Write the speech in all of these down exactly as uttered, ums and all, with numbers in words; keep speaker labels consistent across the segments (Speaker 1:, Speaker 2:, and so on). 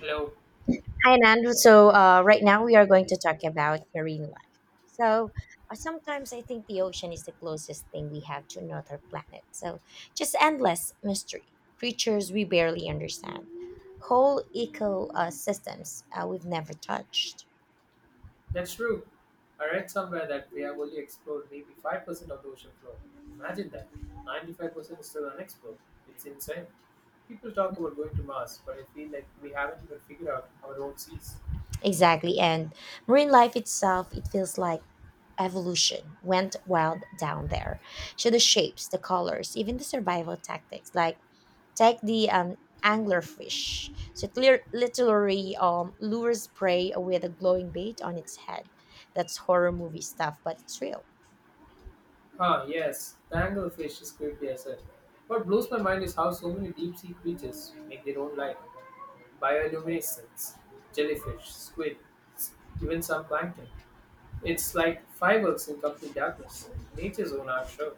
Speaker 1: Hello.
Speaker 2: Hi, Andrew. So, uh, right now we are going to talk about marine life. So, uh, Sometimes I think the ocean is the closest thing we have to another planet. So, just endless mystery, creatures we barely understand, whole ecosystems uh, we've never touched.
Speaker 1: That's true. I read somewhere that we have only explored maybe five percent of the ocean floor. Imagine that. ninety-five percent is still unexplored. It's insane. People talk about going to Mars, but I feel like we haven't even figured out our own seas.
Speaker 2: Exactly. And marine life itself, it feels like evolution went wild down there. So, the shapes, the colors, even the survival tactics, like take the um, anglerfish. So it lir- literally um, lures prey with a glowing bait on its head. That's horror movie stuff, but it's real.
Speaker 1: Ah, yes. The anglerfish is creepy as hell. What blows my mind is how so many deep sea creatures make their own life. Bioluminescence, jellyfish, squid, even some plankton. It's like fireworks in complete darkness. Nature's own art show.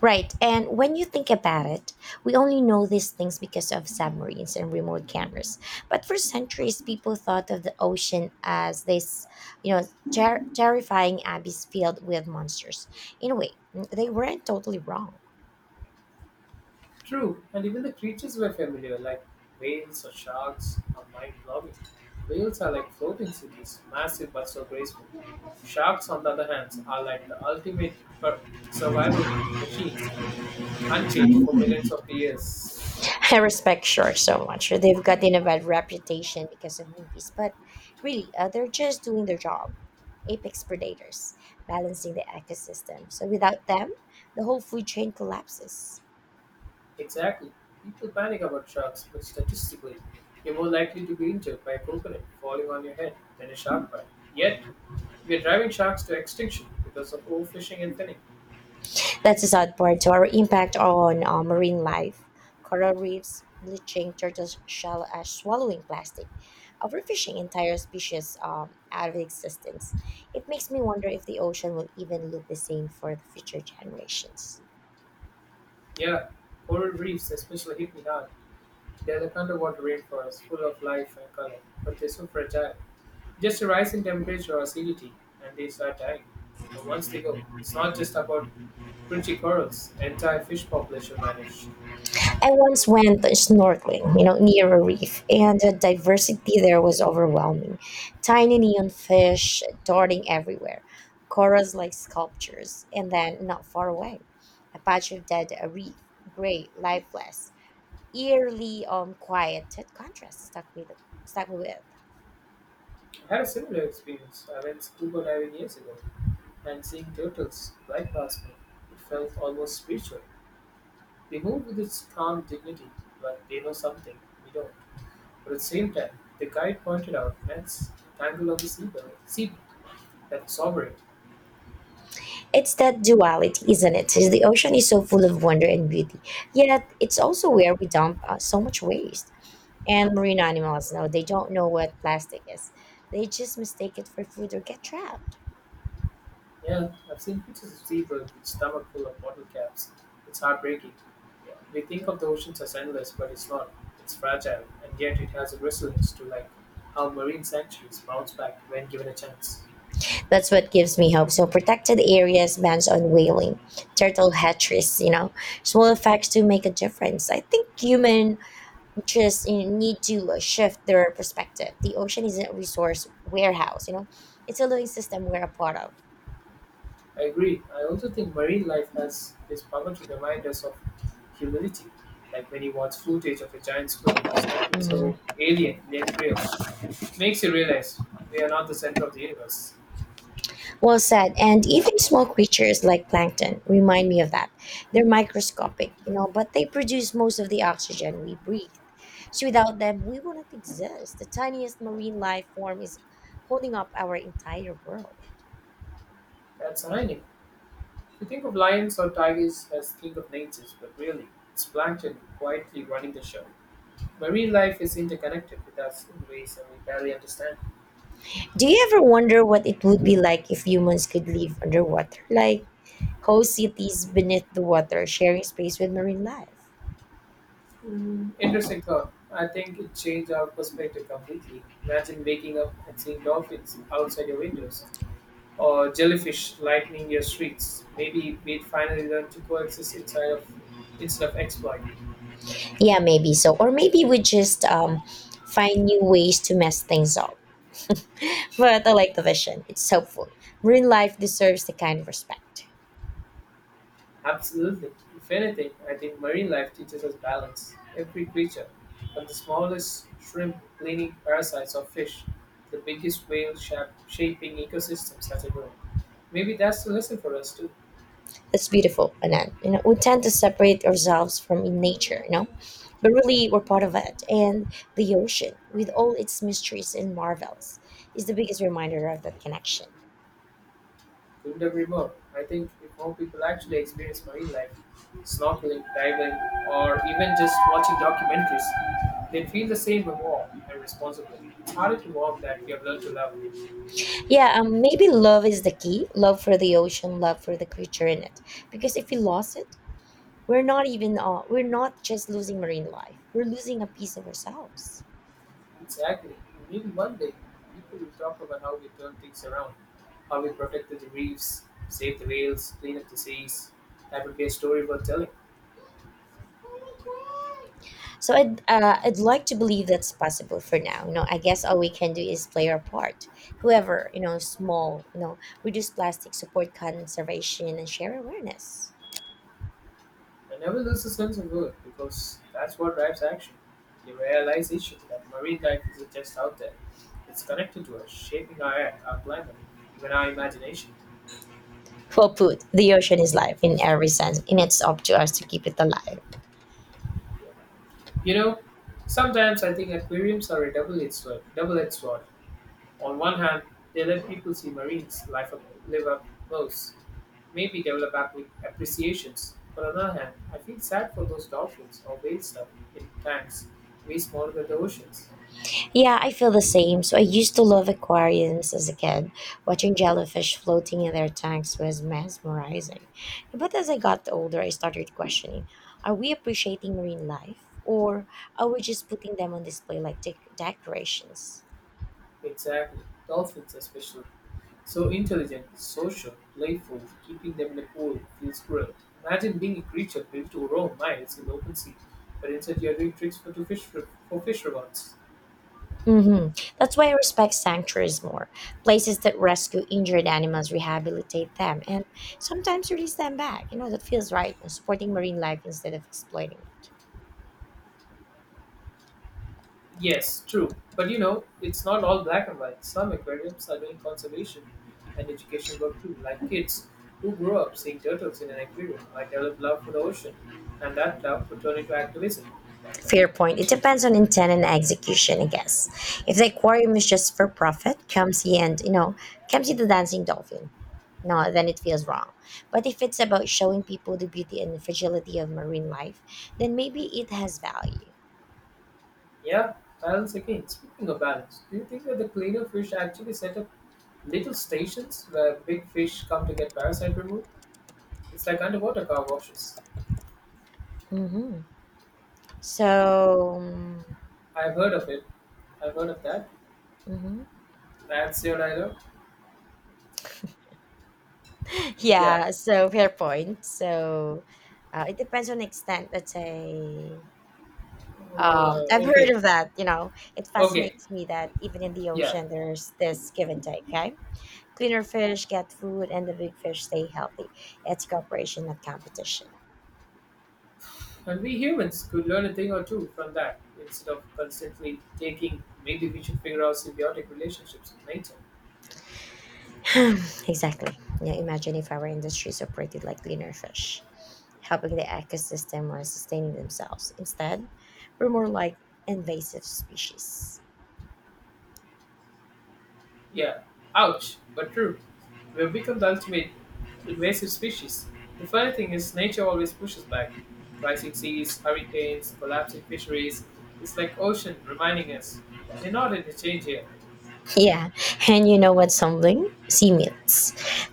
Speaker 2: Right, and when you think about it, we only know these things because of submarines and remote cameras. But for centuries, people thought of the ocean as this, you know, ter- terrifying abyss filled with monsters. In a way, they weren't totally wrong.
Speaker 1: True, and even the creatures were familiar, like whales or sharks, are mind blowing. Whales are like floating cities, massive but so graceful. Sharks, on the other hand, are like the ultimate per- survival machines, unchanged for millions of years.
Speaker 2: I respect Shore so much. They've gotten a bad reputation because of movies, but really, uh, they're just doing their job. Apex predators, balancing the ecosystem. So without them, the whole food chain collapses.
Speaker 1: Exactly. People panic about sharks, but statistically, you're more likely to be injured by a coconut falling on your head than a shark bite. Yet, we are driving sharks to extinction because of overfishing and finning.
Speaker 2: That's the sad part to our impact on uh, marine life. Coral reefs bleaching, turtles shell ash swallowing plastic, overfishing entire species um, out of existence. It makes me wonder if the ocean will even look the same for the future generations.
Speaker 1: Yeah, coral reefs especially hit me hard. They are like underwater rainforests, full of life and color, but they're so fragile. Just a rise in temperature or acidity, and they start dying. And once they go, it's not just about crunchy corals, entire fish population vanish.
Speaker 2: I once went snorkeling, you know, near a reef, and the diversity there was overwhelming. Tiny neon fish darting everywhere, corals like sculptures, and then not far away, a patch of dead reef, gray, lifeless, eerily um, quiet. That contrast stuck me, the, stuck me with.
Speaker 1: I had a similar experience. I went scuba diving years ago, and seeing turtles right past me, it felt almost spiritual. They move with its calm dignity, like they know something we don't. But at the same time, the guide pointed out nets tangled of the seabed, sea that was sovereign.
Speaker 2: It's that duality, isn't it? The ocean is so full of wonder and beauty, yet it's also where we dump uh, so much waste, and marine animals, no, they don't know what plastic is. They just mistake it for food or get trapped.
Speaker 1: Yeah, I've seen pictures of seabirds with stomach full of bottle caps. It's heartbreaking. We think of the oceans as endless, but it's not. It's fragile, and yet it has a resilience to like how marine sanctuaries bounce back when given a chance.
Speaker 2: That's what gives me hope. So protected areas, bans on whaling, turtle hatcheries, you know, small effects to make a difference. I think human just, you know, need to uh, shift their perspective. The ocean isn't a resource warehouse, you know, it's a living system we're a part of.
Speaker 1: I agree. I also think marine life has this power to remind us of humility. Like when you watch footage of a giant squid, something so
Speaker 2: Mhm.
Speaker 1: alien yet real, it makes you realize we are not the center of the universe.
Speaker 2: Well said. And even small creatures like plankton remind me of that. They're microscopic, you know, but they produce most of the oxygen we breathe. So without them, we wouldn't exist. The tiniest marine life form is holding up our entire world.
Speaker 1: That's ironic. We think of lions or tigers as king of natures, but really, it's plankton quietly running the show. Marine life is interconnected with us in ways that we barely understand.
Speaker 2: Do you ever wonder what it would be like if humans could live underwater? Like whole cities beneath the water, sharing space with marine life?
Speaker 1: Interesting thought. I think it changed our perspective completely. Imagine waking up and seeing dolphins outside your windows, or jellyfish lightning your streets. Maybe we'd finally learn to coexist inside of instead of exploit.
Speaker 2: Yeah, maybe so. Or maybe we just um, find new ways to mess things up. But I like the vision. It's helpful. Marine life deserves the kind of respect.
Speaker 1: Absolutely. If anything, I think marine life teaches us balance. Every creature, from the smallest shrimp cleaning parasites of fish to the biggest whale shap- shaping ecosystems, has a role. Maybe that's the lesson for us too.
Speaker 2: That's beautiful, Anand. You know, we tend to separate ourselves from in nature, you know? But really we're part of it. And the ocean, with all its mysteries and marvels, is the biggest reminder of that connection.
Speaker 1: Couldn't agree more. I think if more people actually experience marine life, snorkeling, diving, or even just watching documentaries, they'd feel the same awe and responsibility. It's harder to warm that we have learned to love.
Speaker 2: Yeah, um, maybe love is the key. Love for the ocean, love for the creature in it. Because if we lost it, we're not even uh, we're not just losing marine life. We're losing a piece of ourselves.
Speaker 1: Exactly. Maybe one day people will talk about how we turned things around, how we protected the reefs, saved the whales, cleaned up the seas. That would be a story worth telling.
Speaker 2: So I'd uh, I'd like to believe that's possible. For now, you know, I guess all we can do is play our part. However, you know, small, you know, reduce plastic, support conservation, and share awareness.
Speaker 1: I never lose the sense of worth because that's what drives action. The realization that marine life isn't just out there, it's connected to us, shaping our air, our climate, even our imagination.
Speaker 2: Well put, the ocean is life in every sense, and it's up to us to keep it alive.
Speaker 1: You know, sometimes I think aquariums are a double-edged sword. Double-edged sword. On one hand, they let people see marines life up, live up close, maybe develop appre- appreciations. On the other hand, I feel sad for those dolphins or whale stuff in tanks, way smaller than the oceans.
Speaker 2: Yeah, I feel the same. So I used to love aquariums as a kid. Watching jellyfish floating in their tanks was mesmerizing. But as I got older, I started questioning, are we appreciating marine life? Or are we just putting them on display like dec- decorations?
Speaker 1: Exactly. Dolphins are special. So intelligent, social, playful, keeping them in a pool feels cruel. Imagine being a creature built to roam miles in the open sea, but instead you're doing tricks for, to fish, for fish rewards.
Speaker 2: Hmm. That's why I respect sanctuaries more, places that rescue injured animals, rehabilitate them, and sometimes release them back. You know, that feels right, supporting marine life instead of exploiting it.
Speaker 1: Yes, true. But you know, it's not all black and white. Some aquariums are doing conservation and education work too, like kids who grow up seeing turtles in an aquarium might develop love for the ocean, and that love would turn into activism.
Speaker 2: Fair point. It depends on intent and execution, I guess. If the aquarium is just for profit, come see and you know, come see the dancing dolphin. No, then it feels wrong. But if it's about showing people the beauty and the fragility of marine life, then maybe it has value.
Speaker 1: Yeah, balance again. Speaking of balance, do you think that the cleaner fish actually set up little stations where big fish come to get parasite removed? It's like underwater car washes.
Speaker 2: Hmm. So,
Speaker 1: I've heard of it. I've heard of that.
Speaker 2: mhm.
Speaker 1: That's your dialogue. Yeah.
Speaker 2: Yeah. So fair point. So, uh, it depends on extent. Let's say. Um,
Speaker 1: Uh,
Speaker 2: I've heard
Speaker 1: okay.
Speaker 2: of that. You know, it
Speaker 1: Okay.
Speaker 2: fascinates me that even in the
Speaker 1: Yeah.
Speaker 2: ocean, there's this give and take. Okay. Cleaner fish get food and the big fish stay healthy. It's cooperation, not competition.
Speaker 1: And we humans could learn a thing or two from that. Instead of constantly taking, maybe we should figure out symbiotic relationships with nature.
Speaker 2: Exactly. Now imagine if our industries operated like cleaner fish, helping the ecosystem while sustaining themselves. Instead, we're more like invasive species.
Speaker 1: Yeah, ouch, but true. We've become the ultimate invasive species. The funny thing is, nature always pushes back. Rising seas, hurricanes, collapsing fisheries. It's like ocean reminding us, you're not in the change here.
Speaker 2: Yeah, and you know what something? Sea myths.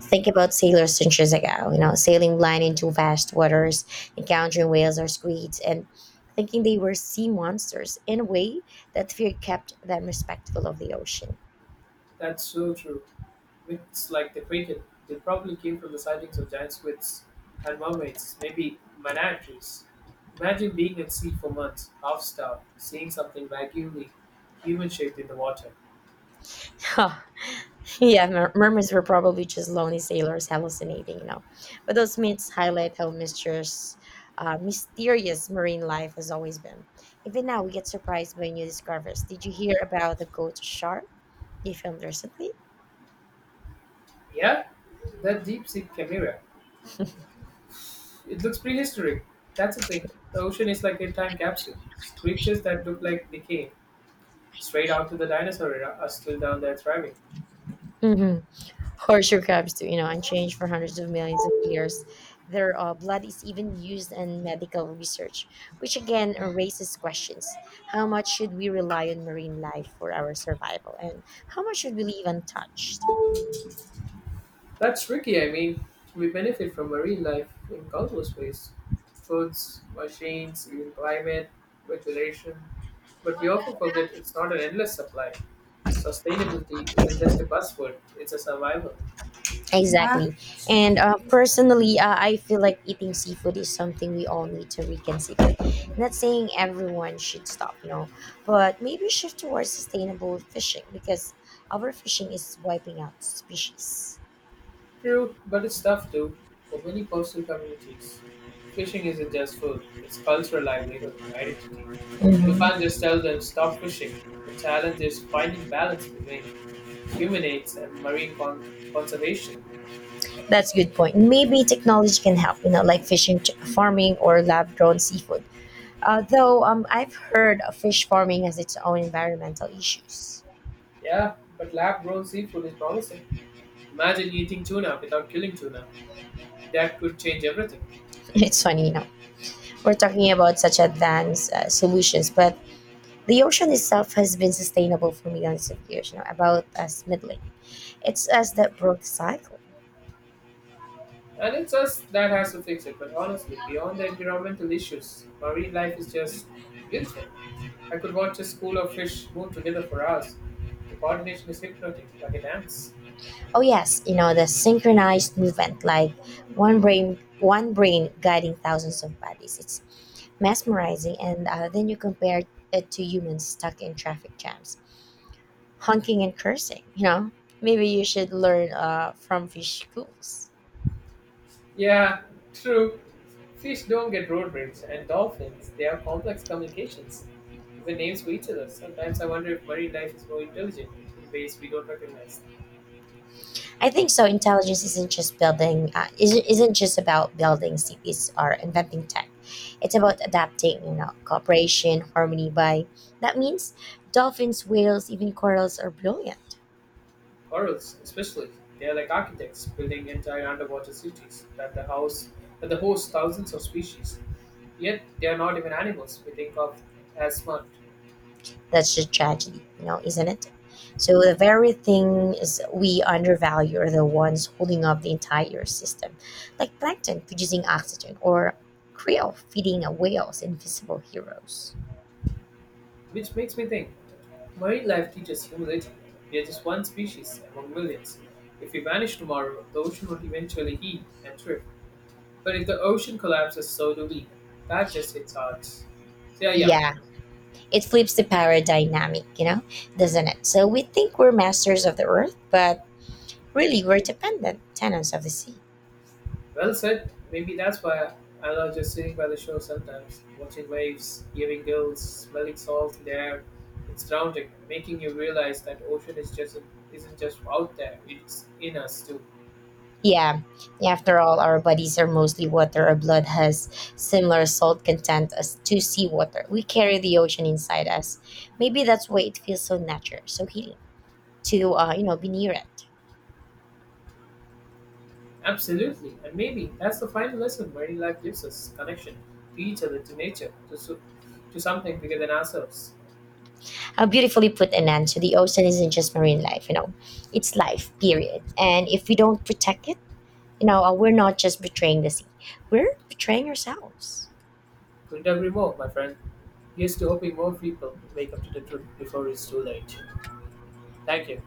Speaker 2: Think about sailors centuries ago, you know, sailing blind into vast waters, encountering whales or squids, and thinking they were sea monsters. In a way, that fear kept them respectful of the ocean.
Speaker 1: That's so true. Myths like the Kraken, they probably came from the sightings of giant squids and mermaids, maybe manatees. Imagine being at sea for months, half starved, seeing something vaguely human shaped in the water.
Speaker 2: Huh. Yeah, mer- mermaids were probably just lonely sailors hallucinating, you know. But those myths highlight how mysterious, uh, mysterious marine life has always been. Even now, we get surprised by new discoveries. Did you hear about the ghost shark they filmed recently?
Speaker 1: Yeah, that deep sea chimera. It looks prehistoric. That's the thing. The ocean is like a time capsule. Creatures that look like they came straight out of the dinosaur era are still down there thriving.
Speaker 2: Hmm. Horseshoe crabs, too, you know, unchanged for hundreds of millions of years. Their uh, blood is even used in medical research, which again raises questions. How much should we rely on marine life for our survival, and how much should we leave untouched?
Speaker 1: That's tricky. I mean, we benefit from marine life in countless ways foods, machines, even climate, regulation. But we often forget it's not an endless supply. Sustainability isn't just a buzzword, it's a survival.
Speaker 2: Yeah. Exactly. And uh, personally, uh, I feel like eating seafood is something we all need to reconsider. Not saying everyone should stop, no, but maybe shift towards sustainable fishing because overfishing is wiping out species.
Speaker 1: True, but it's tough too. For many coastal communities, fishing isn't just food, it's cultural livelihood, identity. You can't
Speaker 2: Mm-hmm.
Speaker 1: just tell them stop fishing. The challenge is finding balance between human aids and marine con- conservation.
Speaker 2: That's a good point. Maybe technology can help, you know, like fishing ch- farming or lab grown seafood. Although, um, I've heard fish farming has its own environmental issues.
Speaker 1: Yeah, but lab grown seafood is promising. Imagine eating tuna without killing tuna. That could change everything.
Speaker 2: It's funny, you know, we're talking about such advanced uh, solutions, but the ocean itself has been sustainable for millions of years, you know, about as middling. It's as that broke cycle.
Speaker 1: And it's us that has to fix it, but honestly, beyond the environmental issues, marine life is just beautiful. I could watch a school of fish move together for hours. The coordination is hypnotic, like a dance.
Speaker 2: Oh yes, you know the synchronized movement, like one brain, one brain guiding thousands of bodies. It's mesmerizing, and uh, then you compare it to humans stuck in traffic jams, honking and cursing. You know, maybe you should learn uh, from fish schools.
Speaker 1: Yeah, true. Fish don't get road rage, and dolphins, they have complex communications, even names for each other. Sometimes I wonder if marine life is more intelligent in ways we don't recognize.
Speaker 2: I think so. Intelligence isn't just building, uh, isn't, isn't just about building cities or inventing tech. It's about adapting, you know, cooperation, harmony by. That means dolphins, whales, even corals are brilliant.
Speaker 1: Corals, especially, they are like architects building entire underwater cities that the house that the host thousands of species. Yet they are not even animals we think of as smart,
Speaker 2: That's a tragedy, you know, isn't it? So the very thing is we undervalue are the ones holding up the entire system, like plankton producing oxygen or krill feeding a whale's invisible heroes.
Speaker 1: which makes me think marine life teaches humility. We are just one species among millions. If we vanish tomorrow, the ocean will eventually heal and thrive. But if the ocean collapses, so do we. That just hits hearts. So yeah, yeah.
Speaker 2: Yeah, it flips the power dynamic, you know, doesn't it? So we think we're masters of the earth, but really were dependent tenants of the sea.
Speaker 1: Well said. Maybe that's why I love just sitting by the shore sometimes, watching waves, hearing gulls, smelling salt in the air. It's grounding, making you realize that ocean is just isn't just out there; it's in us too.
Speaker 2: Yeah, yeah, after all, our bodies are mostly water. Our blood has similar salt content as to seawater. We carry the ocean inside us. Maybe that's why it feels so natural, so healing to uh, you know be near it.
Speaker 1: Absolutely, and maybe that's the final lesson marine life gives us: connection to each other, to nature, to so- to something bigger than ourselves.
Speaker 2: How beautifully put, Anand. So the ocean isn't just marine life, you know, it's life, period. And if we don't protect it, you know, uh, we're not just betraying the sea, we're betraying ourselves.
Speaker 1: Couldn't agree more, my friend. Here's to hoping more people wake up to the truth before it's too late. Thank you.